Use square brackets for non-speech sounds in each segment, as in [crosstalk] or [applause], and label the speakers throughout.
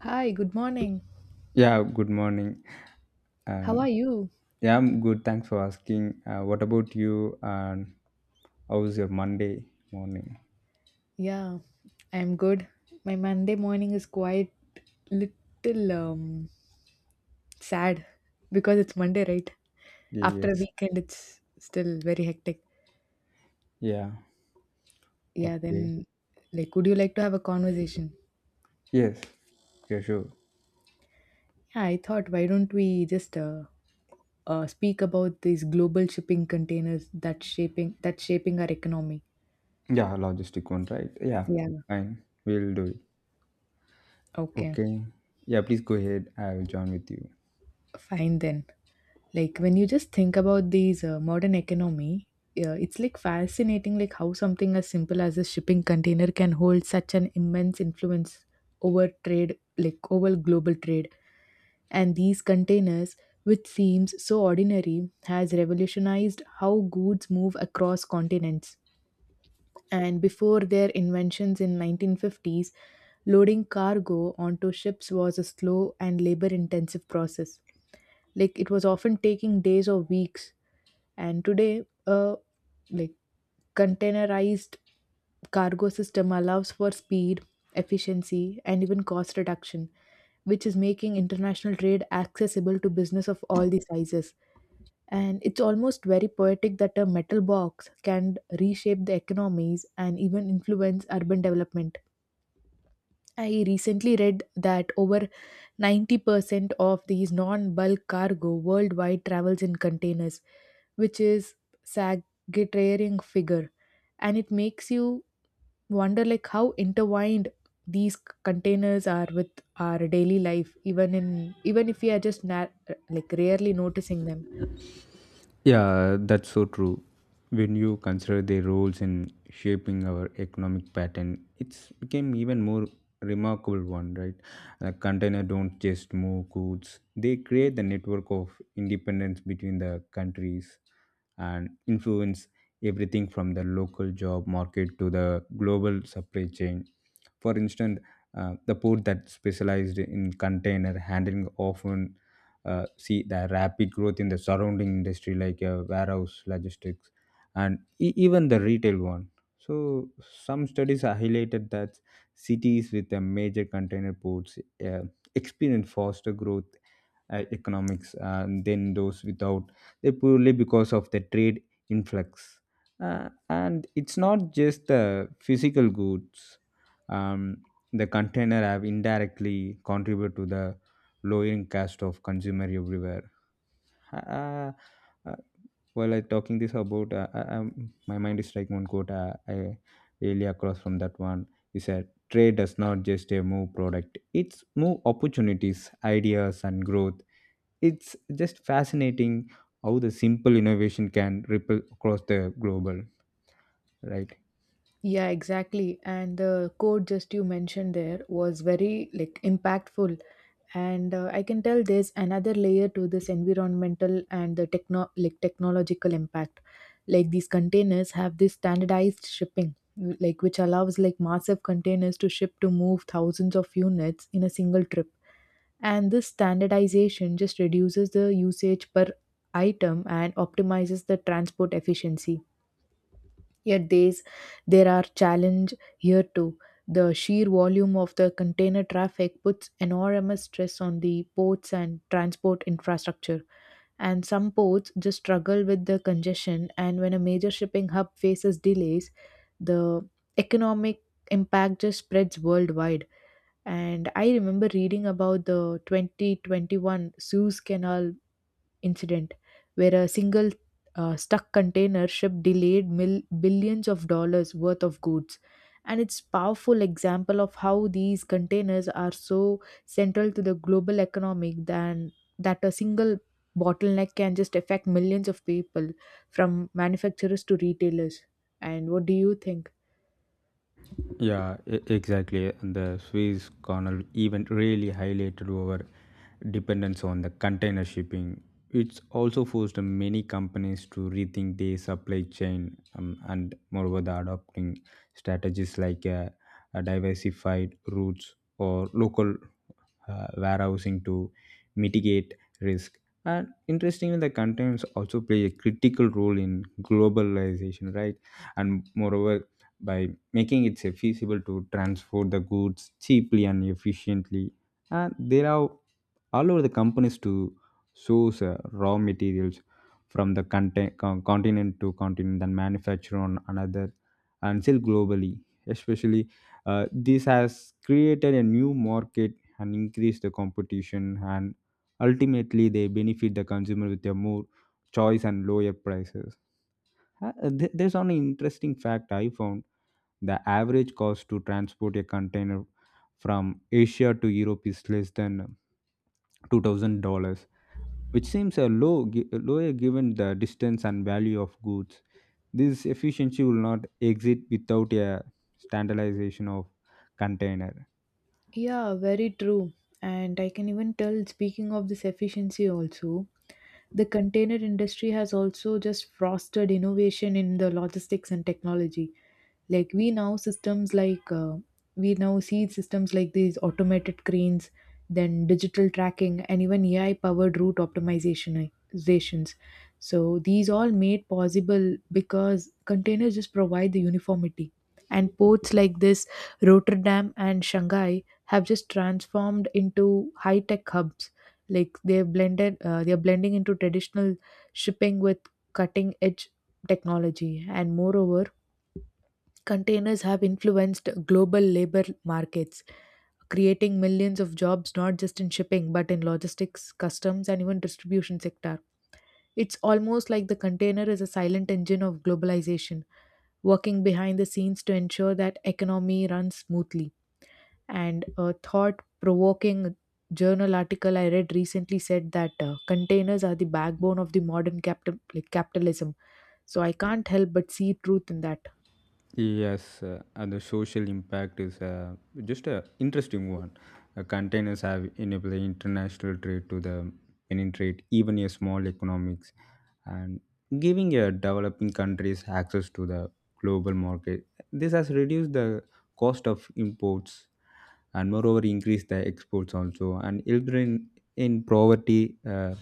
Speaker 1: Hi, good morning.
Speaker 2: Yeah, good morning.
Speaker 1: How are
Speaker 2: And
Speaker 1: you?
Speaker 2: yeah, I'm good. Thanks for asking. What about you? And how was your Monday morning?
Speaker 1: Yeah, I'm good. My Monday morning is quite little sad because it's Monday, right?
Speaker 2: Yeah,
Speaker 1: After a
Speaker 2: yes.
Speaker 1: weekend, it's still very hectic.
Speaker 2: Yeah.
Speaker 1: Yeah,
Speaker 2: Okay.
Speaker 1: then like would you like to have a conversation?
Speaker 2: Yes. Yeah, sure.
Speaker 1: Yeah, I thought why don't we just speak about these global shipping containers that's shaping our economy.
Speaker 2: Yeah, logistic one, right? Yeah,
Speaker 1: Yeah,
Speaker 2: fine. We'll do it.
Speaker 1: okay.
Speaker 2: Okay. Yeah, please go ahead. I'll join with you.
Speaker 1: Fine then. Like when you just think about these modern economy, it's like fascinating like how something as simple as a shipping container can hold such an immense influence over trade, like over global trade. And these containers, which seems so ordinary, has revolutionized how goods move across continents and before their inventions in 1950s, loading cargo onto ships was a slow and labor intensive process, like it was often taking days or weeks. And today, like containerized cargo system allows for speed, efficiency, and even cost reduction, which is making international trade accessible to business of all the sizes. And it's almost very poetic that a metal box can reshape the economies and even influence urban development. I recently read that over 90% of these non bulk cargo worldwide travels in containers, which is sagittarian figure. And it makes you wonder like how intertwined these containers are with our daily life, even if we are like rarely noticing them.
Speaker 2: Yeah, that's so true. When you consider their roles in shaping our economic pattern, it's became even more remarkable one, right? A container don't just move goods; they create the network of independence between the countries and influence everything from the local job market to the global supply chain. For instance, the port that specialized in container handling often see the rapid growth in the surrounding industry like warehouse logistics and even the retail one. So some studies are highlighted that cities with the major container ports uh, experience faster growth economics than those without they purely because of the trade influx, and it's not just the physical goods. um, the container have indirectly contribute to the lowering cost of consumer everywhere. uh, uh, while I talking this about, my mind is like one quote I really across from that one. He said, "Trade does not just a move product; it's move opportunities, ideas, and growth." It's just fascinating how the simple innovation can ripple across the global, right?
Speaker 1: Yeah, exactly. And the quote just you mentioned there was very like impactful and I can tell there's another layer to this environmental and the technological impact, like these containers have this standardized shipping, like which allows like massive containers to move thousands of units in a single trip. And this standardization just reduces the usage per item and optimizes the transport efficiency. Yet there are challenges here too. The sheer volume of the container traffic puts enormous stress on the ports and transport infrastructure. And some ports just struggle with the congestion, and when a major shipping hub faces delays, the economic impact just spreads worldwide. And I remember reading about the 2021 Suez Canal incident where a single stuck container ship delayed billions of dollars worth of goods, and it's powerful example of how these containers are so central to the global economic than that a single bottleneck can just affect millions of people, from manufacturers to retailers. And what do you think?
Speaker 2: Yeah, exactly. And the Swiss Canal event really highlighted our dependence on the container shipping. It's also forced many companies to rethink their supply chain, and moreover the adopting strategies like diversified routes or local warehousing to mitigate risk. And interestingly, the containers also play a critical role in globalization, right? And moreover, by making it feasible to transport the goods cheaply and efficiently, and there are all over the companies to source raw materials from the continent to continent and manufacture on another and sell globally especially this has created a new market and increase the competition and ultimately they benefit the consumer with a more choice and lower prices. Uh, There's an interesting fact I found. The average cost to transport a container from Asia to Europe is less than $2,000, which seems a lower given the distance and value of goods. This efficiency will not exist without a standardization of container.
Speaker 1: Yeah, very true. And I can even tell, speaking of this efficiency, also, the container industry has also just fostered innovation in the logistics and technology. Like, we now see systems like these automated cranes, then digital tracking, and even AI powered route optimizations. So, these all made possible because containers just provide the uniformity. And ports like this, Rotterdam and Shanghai, have just transformed into high tech hubs. Like they're blending into traditional shipping with cutting edge technology. And moreover, containers have influenced global labor markets, creating millions of jobs not just in shipping but in logistics, customs, and even distribution sector. It's almost like the container is a silent engine of globalization, working behind the scenes to ensure that economy runs smoothly. And a thought provoking journal article I read recently said that containers are the backbone of the modern capitalism. So I can't help but see truth in that.
Speaker 2: Yes, and the social impact is, just a interesting one. Containers have enabled international trade to the penetrate even a small economics, and giving developing countries access to the global market. This has reduced the cost of imports and moreover increase the exports also and children in poverty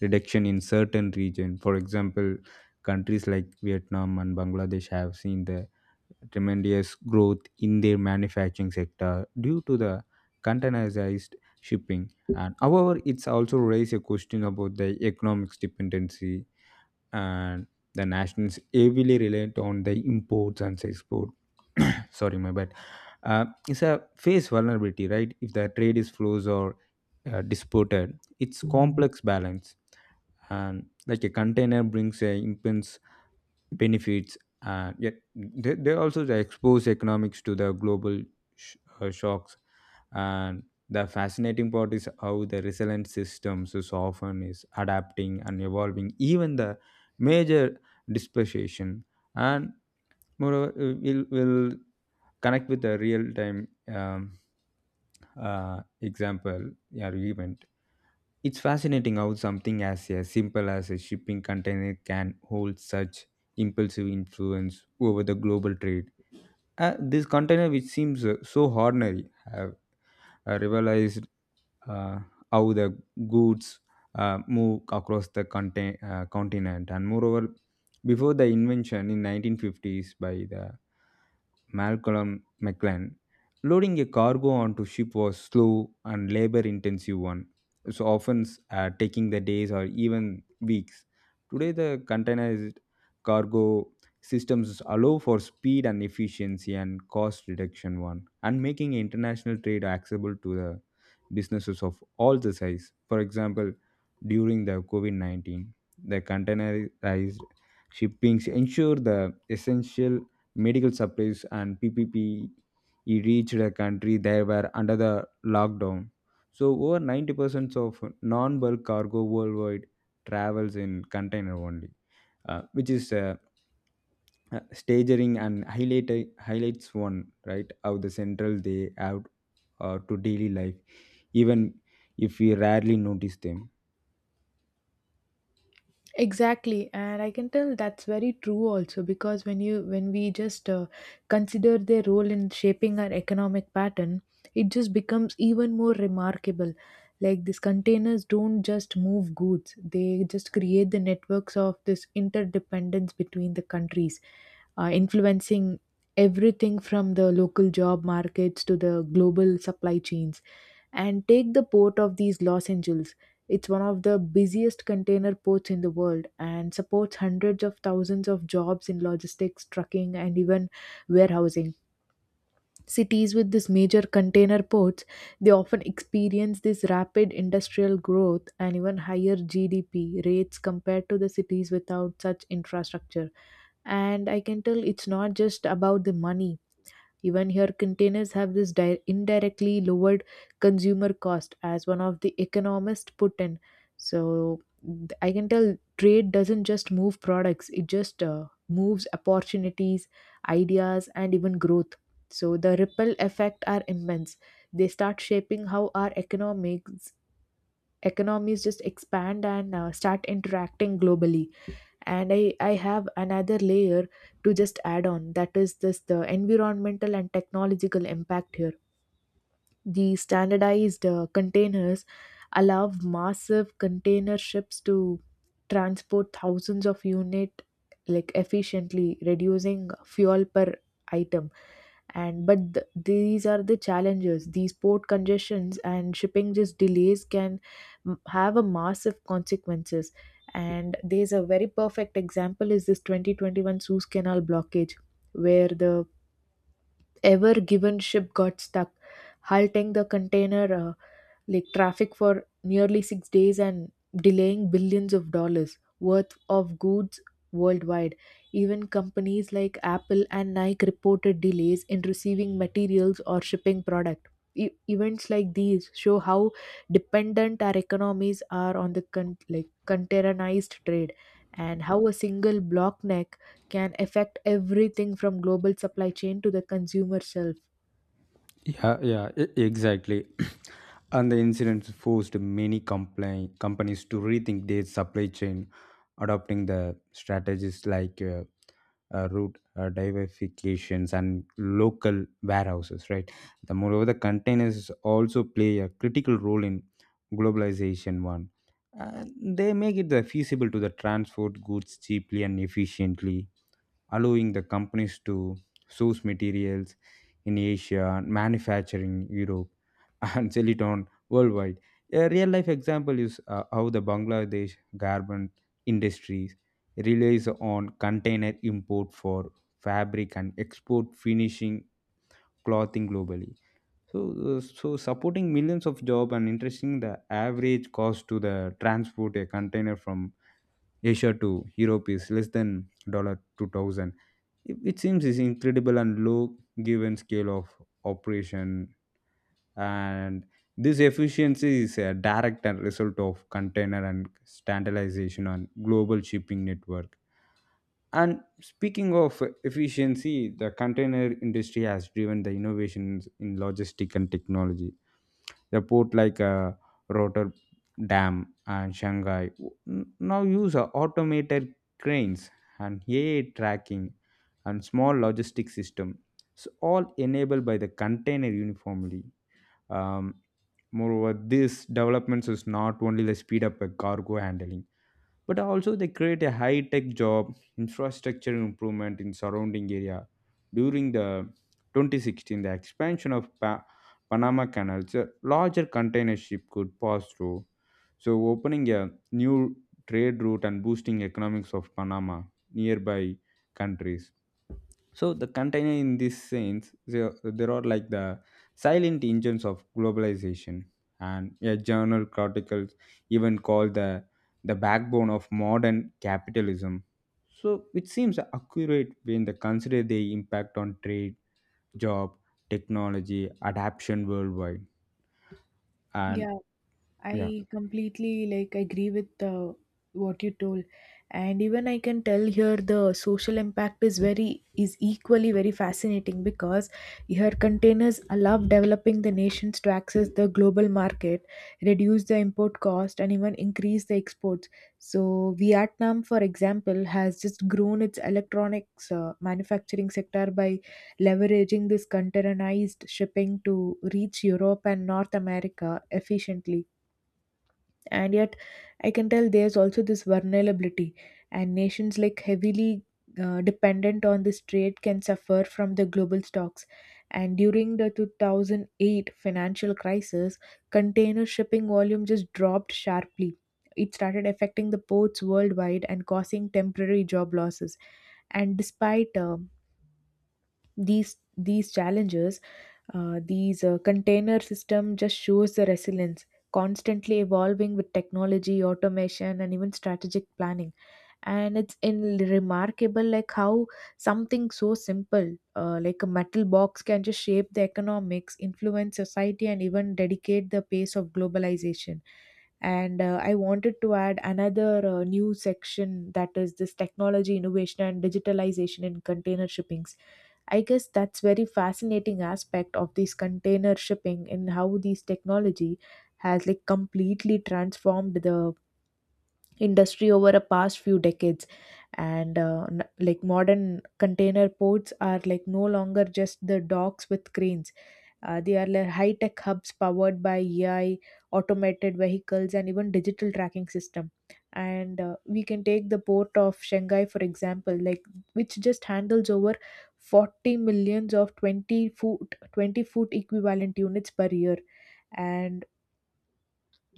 Speaker 2: reduction in certain region. For example, countries like Vietnam and Bangladesh have seen the tremendous growth in their manufacturing sector due to the containerized shipping. And however, it's also raised a question about the economics dependency and the nations heavily reliant on the imports and export. [coughs] Sorry my bad. It's a face vulnerability, right? If the trade is flows or disputed, it's complex balance. And like a container brings a immense benefits, yet they also they expose economics to the global shocks. And the fascinating part is how the resilient systems is often is adapting and evolving, even the major dispersion. And moreover, we'll connect with the real time, example or event. It's fascinating how something as a simple as a shipping container can hold such impulsive influence over the global trade. This container, which seems so ordinary, have realized uh, how the goods move across the continent. And moreover, before the invention in 1950s by the Malcolm McLaren, loading a cargo onto ship was slow and labor-intensive one, so often taking the days or even weeks. Today, the containerized cargo systems allow for speed and efficiency and cost reduction one, and making international trade accessible to the businesses of all the size. For example, during the COVID 19, the containerized shippings ensure the essential medical supplies and PPP reached the country they were under the lockdown. So over 90% of non-bulk cargo worldwide travels in container only, which is staging and highlights one right how the central they have to daily life, even if we rarely notice them.
Speaker 1: Exactly, and I can tell that's very true also because when we just consider their role in shaping our economic pattern, it just becomes even more remarkable. Like these containers don't just move goods; they just create the networks of this interdependence between the countries, influencing everything from the local job markets to the global supply chains. And take the port of these Los Angeles, it's one of the busiest container ports in the world and supports hundreds of thousands of jobs in logistics, trucking, and even warehousing. Cities with these major container ports, they often experience this rapid industrial growth and even higher GDP rates compared to the cities without such infrastructure. And I can tell it's not just about the money. Even here, containers have this indirectly lowered consumer cost, as one of the economists put in. So I can tell trade doesn't just move products, it just moves opportunities, ideas, and even growth. So the ripple effect are immense. They start shaping how our economics economies just expand and start interacting globally. And I have another layer to just add on that is this the environmental and technological impact here. The standardized containers allow massive container ships to transport thousands of unit, like efficiently reducing fuel per item. And but these are the challenges, these port congestions and shipping just delays can have a massive consequences. And there's a very perfect example is this 2021 Suez Canal blockage where the ever given ship got stuck, halting the container traffic for nearly 6 days and delaying billions of dollars worth of goods worldwide. Even companies like Apple and Nike reported delays in receiving materials or shipping product. Events like these show how dependent our economies are on the containerized trade and how a single blockneck can affect everything from global supply chain to the consumer self.
Speaker 2: Yeah, yeah, exactly. [clears throat] And the incidents forced many companies to rethink their supply chain, adopting the strategies like route diversifications and local warehouses, right? The moreover, the containers also play a critical role in globalization. One, they make it the feasible to the transport goods cheaply and efficiently, allowing the companies to source materials in Asia, manufacturing Europe, [laughs] and silicon worldwide. A real life example is how the Bangladesh garment industries relies on container import for fabric and export finishing clothing globally. So, so supporting millions of job and interesting the average cost to the transport a container from Asia to Europe is less than dollar 2,000. It seems is incredible and low given scale of operation, and this efficiency is a direct and result of container and standardization on global shipping network. And speaking of efficiency, the container industry has driven the innovations in logistic and technology. The port like Rotterdam and Shanghai now use automated cranes and AI tracking and small logistic system. So all enabled by the container uniformly. Um, Moreover, this developments is not only the speed up a cargo handling but also they create a high tech job infrastructure improvement in surrounding area during the 2016 the expansion of Panama Canal. So larger container ship could pass through, so opening a new trade route and boosting economics of Panama nearby countries. So the container in this sense, there are like the silent engines of globalization, and a journal article even called the backbone of modern capitalism. So it seems accurate when they consider the impact on trade, job, technology, adaptation worldwide, and
Speaker 1: Yeah,
Speaker 2: yeah.
Speaker 1: I completely like agree with what you told, and even I can tell here the social impact is equally very fascinating because here containers allow developing the nations to access the global market, reduce the import cost, and even increase the exports. So Vietnam, for example, has just grown its electronics manufacturing sector by leveraging this containerized shipping to reach Europe and North America efficiently. And yet I can tell there's also this vulnerability, and nations like heavily dependent on this trade can suffer from the global stocks. And during the 2008 financial crisis, container shipping volume just dropped sharply. It started affecting the ports worldwide and causing temporary job losses. And despite these challenges, these container system just shows the resilience, constantly evolving with technology automation and even strategic planning. And it's in remarkable like how something so simple, like a metal box, can just shape the economics, influence society, and even dedicate the pace of globalization. And I wanted to add another new section that is this technology innovation and digitalization in container shippings. I guess that's very fascinating aspect of this container shipping and how this technology has like completely transformed the industry over the past few decades. And like modern container ports are like no longer just the docks with cranes. They are like high-tech hubs powered by AI, automated vehicles, and even digital tracking system. And we can take the port of Shanghai, for example, like which just handles over 40 millions of 20-foot equivalent units per year. And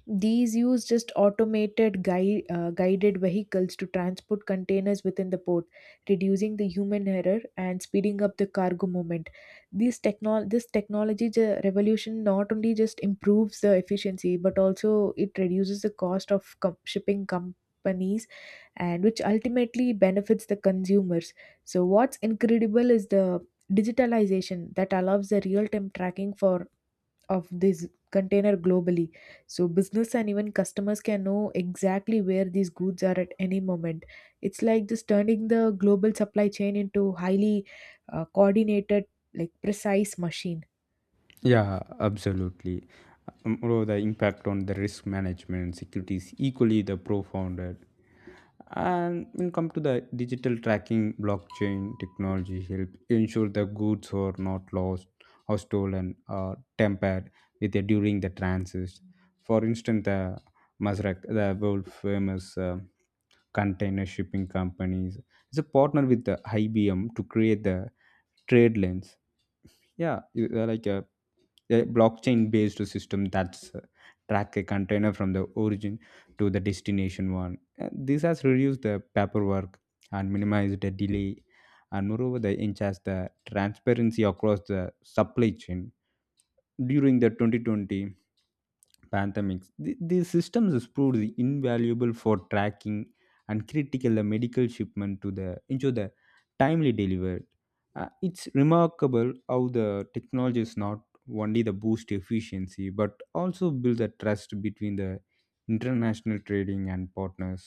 Speaker 1: these use just automated guided vehicles to transport containers within the port, reducing the human error and speeding up the cargo movement. This technology revolution not only just improves the efficiency but also it reduces the cost of shipping companies, and which ultimately benefits the consumers. So what's incredible is the digitalization that allows the real time tracking for of this container globally, so business and even customers can know exactly where these goods are at any moment. It's like this turning the global supply chain into highly coordinated like precise machine.
Speaker 2: Yeah, absolutely. Moreover, the impact on the risk management and security is equally the profound. And when come to the digital tracking, blockchain technology help ensure the goods are not lost or stolen or tampered with during the transit. For instance, the Masrak, the world famous container shipping companies, is a partner with the IBM to create the trade lanes, yeah, like a blockchain based system that's track a container from the origin to the destination one. This has reduced the paperwork and minimized the delay, and moreover they enhance the transparency across the supply chain. During the 2020 pandemics, these systems has proved the invaluable for tracking and critical the medical shipment to the ensure the timely delivery. It's remarkable how the technology is not only the boost efficiency but also build a trust between the international trading and partners,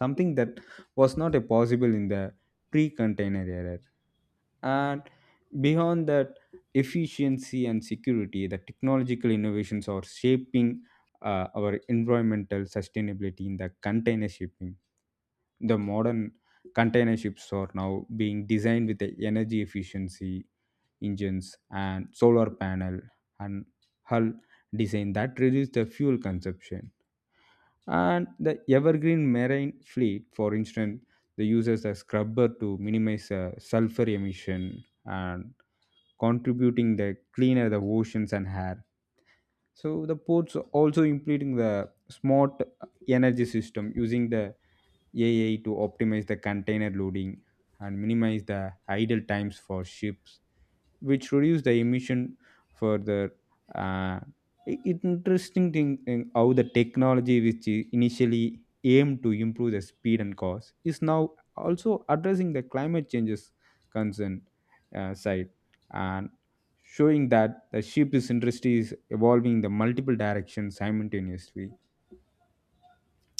Speaker 2: something that was not a possible in the pre-container era. And beyond that efficiency and security, the technological innovations are shaping our environmental sustainability in the container shipping. The modern container ships are now being designed with the energy efficiency engines and solar panel and hull design that reduce the fuel consumption. And the evergreen marine fleet, for instance, they uses a scrubber to minimize sulfur emission and contributing the cleaner the oceans and air. So the ports also implementing the smart energy system using the AI to optimize the container loading and minimize the idle times for ships, which reduce the emission further. Uh, it- interesting thing in how the technology, which initially aimed to improve the speed and cost, is now also addressing the climate changes concern side and showing that the ship's industry is evolving in the multiple directions simultaneously.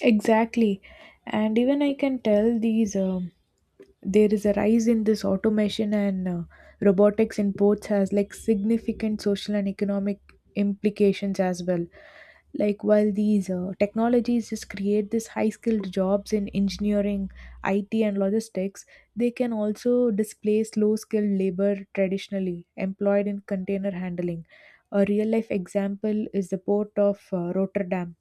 Speaker 1: Exactly. And even I can tell these there is a rise in this automation and robotics in ports has like significant social and economic implications as well. Like while these technologies just create this high skilled jobs in engineering, IT and logistics, they can also displace low skilled labor traditionally employed in container handling. A real life example is the port of Rotterdam,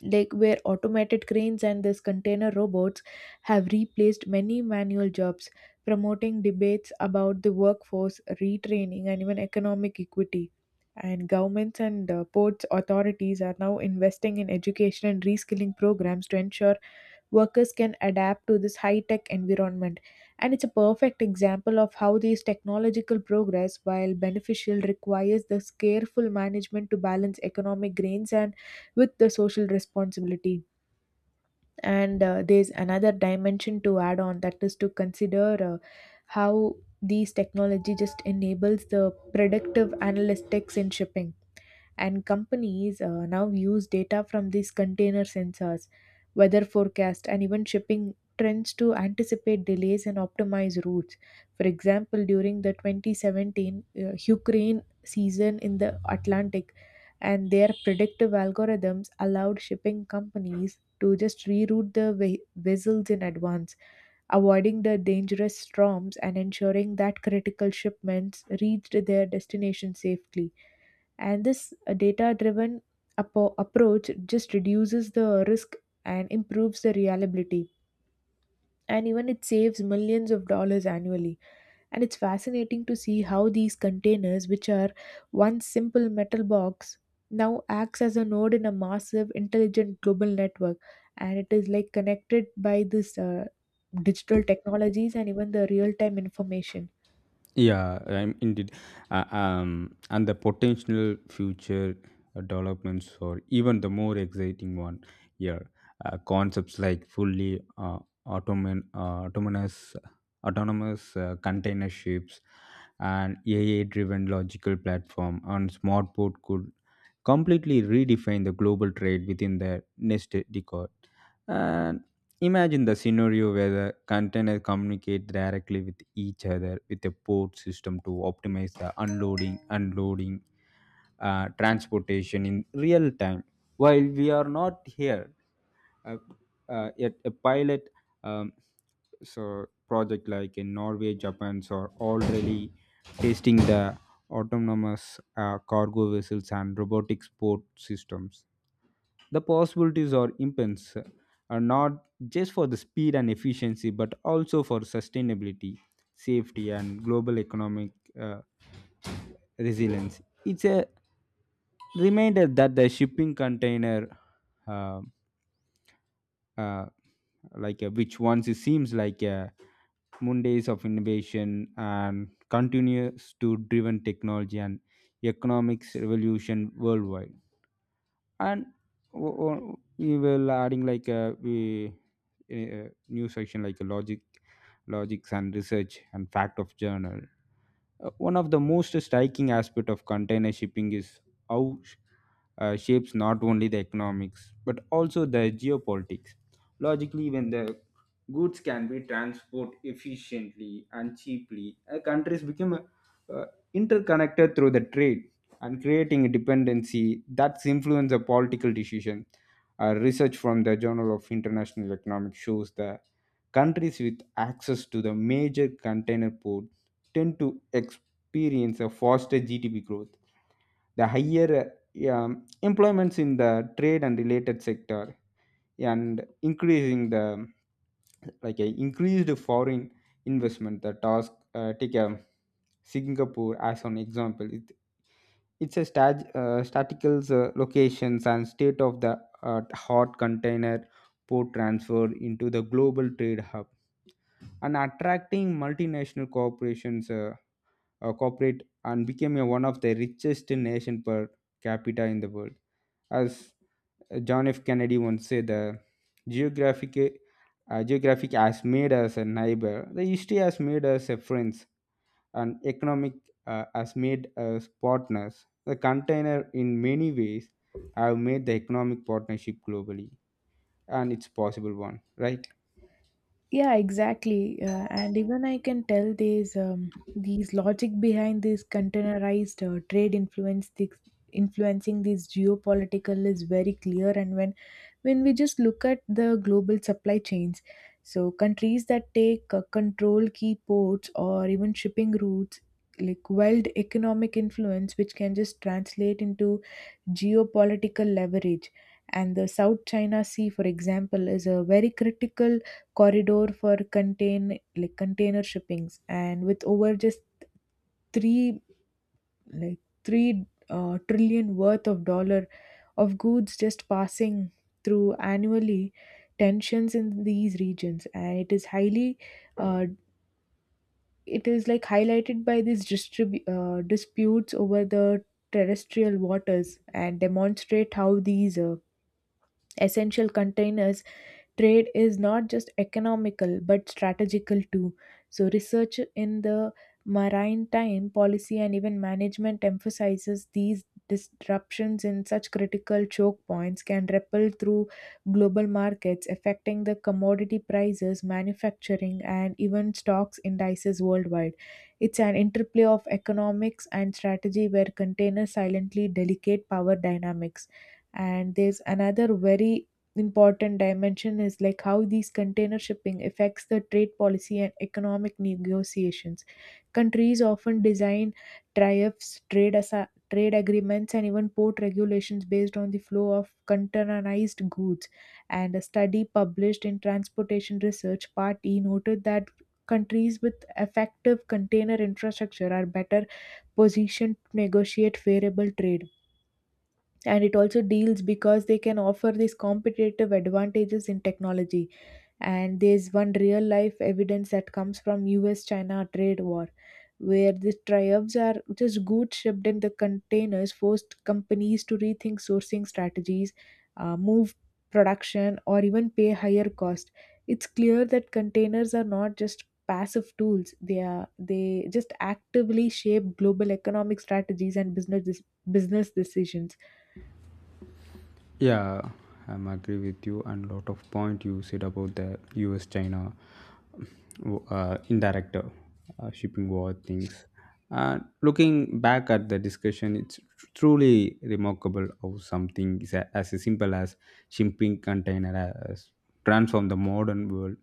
Speaker 1: like where automated cranes and these container robots have replaced many manual jobs, promoting debates about the workforce, retraining, and even economic equity. And governments and ports authorities are now investing in education and reskilling programs to ensure workers can adapt to this high tech environment. And it's a perfect example of how these technological progress, while beneficial, requires this careful management to balance economic gains and with the social responsibility. And there's another dimension to add on that is to consider how these technology just enables the predictive analytics in shipping. And companies now use data from these container sensors, weather forecast, and even shipping trends to anticipate delays and optimize routes. For example, during the 2017 Ukraine season in the Atlantic, and their predictive algorithms allowed shipping companies to just reroute the vessels in advance, avoiding the dangerous storms and ensuring that critical shipments reached their destination safely. And this data driven approach just reduces the risk and improves the reliability, and even it saves millions of dollars annually. And it's fascinating to see how these containers, which are one simple metal box, now acts as a node in a massive intelligent global network, and it is like connected by this digital technologies and even the real time information.
Speaker 2: Yeah, I'm indeed. And the potential future developments, or even the more exciting one here, concepts like fully automan- uh, autonomous, autonomous container ships and AI driven logical platform and smart port could completely redefine the global trade within the next decade. And imagine the scenario where the containers communicate directly with each other with a port system to optimize the unloading, transportation in real time. While we are not here, uh, yet a pilot, um, so project like in Norway, Japan, so are already testing the autonomous cargo vessels and robotic port systems. The possibilities are immense, not just for the speed and efficiency, but also for sustainability, safety, and global economic uh, resilience. It's a reminder that the shipping container, uh, uh, like which once it seems like a Mondays of innovation and continues to driven technology and economics revolution worldwide. And we will adding like a we a new section like a logics and research and fact of journal. One of the most striking aspect of container shipping is how shapes not only the economics but also the geopolitics. Logically, when the goods can be transported efficiently and cheaply, countries become interconnected through the trade and creating a dependency that's influence the political decision. Research from the Journal of International Economics shows that countries with access to the major container ports tend to experience a faster GDP growth, the higher, employments in the trade and related sector, and increasing the like a increased foreign investment. The task, take a Singapore as an example. It, it's a stat, statical locations and state of the hot container port transfer into the global trade hub and attracting multinational corporations, cooperate and became a, one of the richest nation per capita in the world. As John F. Kennedy once said, the geographic geographic has made us a neighbor, the history has made us a friends, and economic has made us partners. The container, in many ways, have made the economic partnership globally, and it's possible one, right?
Speaker 1: Yeah, exactly. And even I can tell there's these logic behind this containerized trade influence this influencing this geopolitical is very clear. And when we just look at the global supply chains, so countries that take control key ports or even shipping routes like wild economic influence, which can just translate into geopolitical leverage. And the South China Sea, for example, is a very critical corridor for container shippings, and with over just 3 like three trillion worth of dollar of goods just passing through annually, tensions in these regions, and it is highly, uh, it is like highlighted by these disputes over the terrestrial waters, and demonstrate how these essential containers trade is not just economical but strategical too. So, research in the maritime policy and even management emphasizes these disruptions in such critical choke points can ripple through global markets, affecting the commodity prices, manufacturing, and even stocks indices worldwide. It's an interplay of economics and strategy where containers silently delicate power dynamics. And there's another very important dimension is like how these container shipping affects the trade policy and economic negotiations. Countries often design tariffs, trade agreements, and even port regulations based on the flow of containerized goods. And a study published in Transportation Research Part E noted that countries with effective container infrastructure are better positioned to negotiate favorable trade, and it also deals because they can offer these competitive advantages in technology. And there's one real life evidence that comes from US China trade war, where the tariffs are just goods shipped in the containers forced companies to rethink sourcing strategies, move production or even pay higher cost. It's clear that containers are not just passive tools, they are, they just actively shape global economic strategies and business decisions.
Speaker 2: Yeah, I'm agree with you and lot of point you said about the U.S. China indirect shipping war things. And looking back at the discussion, it's truly remarkable how something is as simple as shipping container has transformed the modern world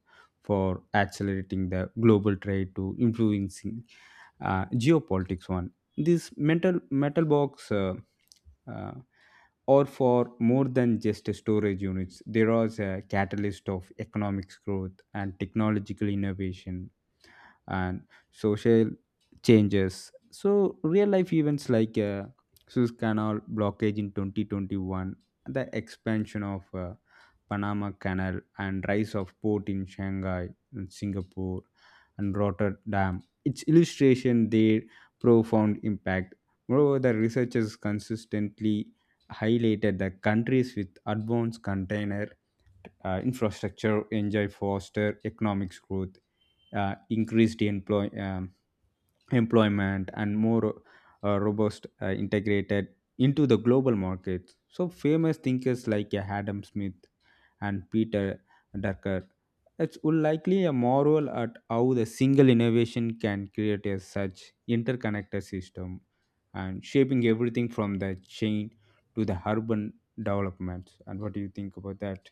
Speaker 2: for accelerating the global trade to influencing geopolitics. One, this metal box. Uh, or for more than just storage units, there was a catalyst of economic growth and technological innovation and social changes. So, real life events like Suez Canal blockage in 2021, the expansion of Panama Canal, and rise of port in Shanghai and Singapore and Rotterdam. Its illustration their profound impact. Moreover, the researchers consistently highlighted the countries with advanced container infrastructure enjoy faster economic growth, increased employ, employment and more robust integrated into the global markets. So famous thinkers like Adam Smith and Peter Drucker it's likely a marvel at how the single innovation can create a such interconnected system and shaping everything from the chain to the urban developments. And what do you think about that?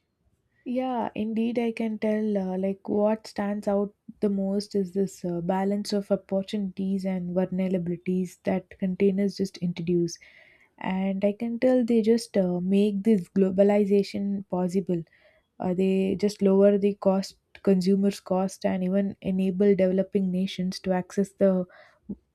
Speaker 1: Yeah, indeed, I can tell. Like, what stands out the most is this balance of opportunities and vulnerabilities that containers just introduce. And I can tell they just make this globalization possible. They just lower the cost, consumers' cost, and even enable developing nations to access the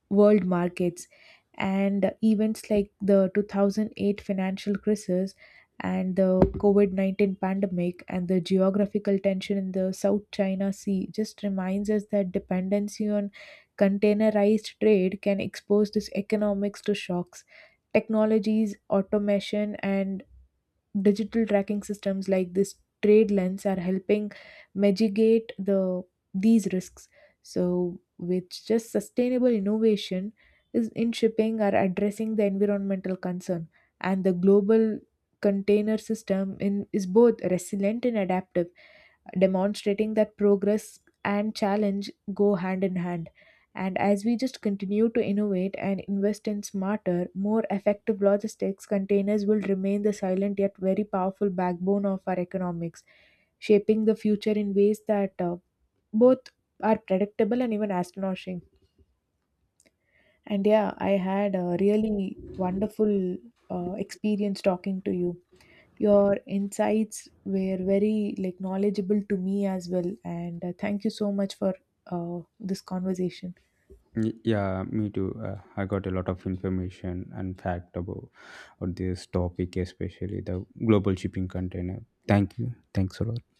Speaker 1: world markets. And events like the 2008 financial crisis and the COVID 19 pandemic and the geographical tension in the South China Sea just reminds us that dependency on containerized trade can expose these economics to shocks. Technologies, automation, and digital tracking systems like this trade lens are helping mitigate the these risks. So with just sustainable innovation is in shipping are addressing the environmental concern, and the global container system in is both resilient and adaptive, demonstrating that progress and challenge go hand in hand. And as we just continue to innovate and invest in smarter, more effective logistics, containers will remain the silent yet very powerful backbone of our economics, shaping the future in ways that both are predictable and even astonishing. And yeah, I had a really wonderful experience talking to you. Your insights were very like knowledgeable to me as well, and thank you so much for this conversation.
Speaker 2: Yeah, me too. I got a lot of information and fact about on this topic, especially the global shipping container. Thank you. Thanks a lot.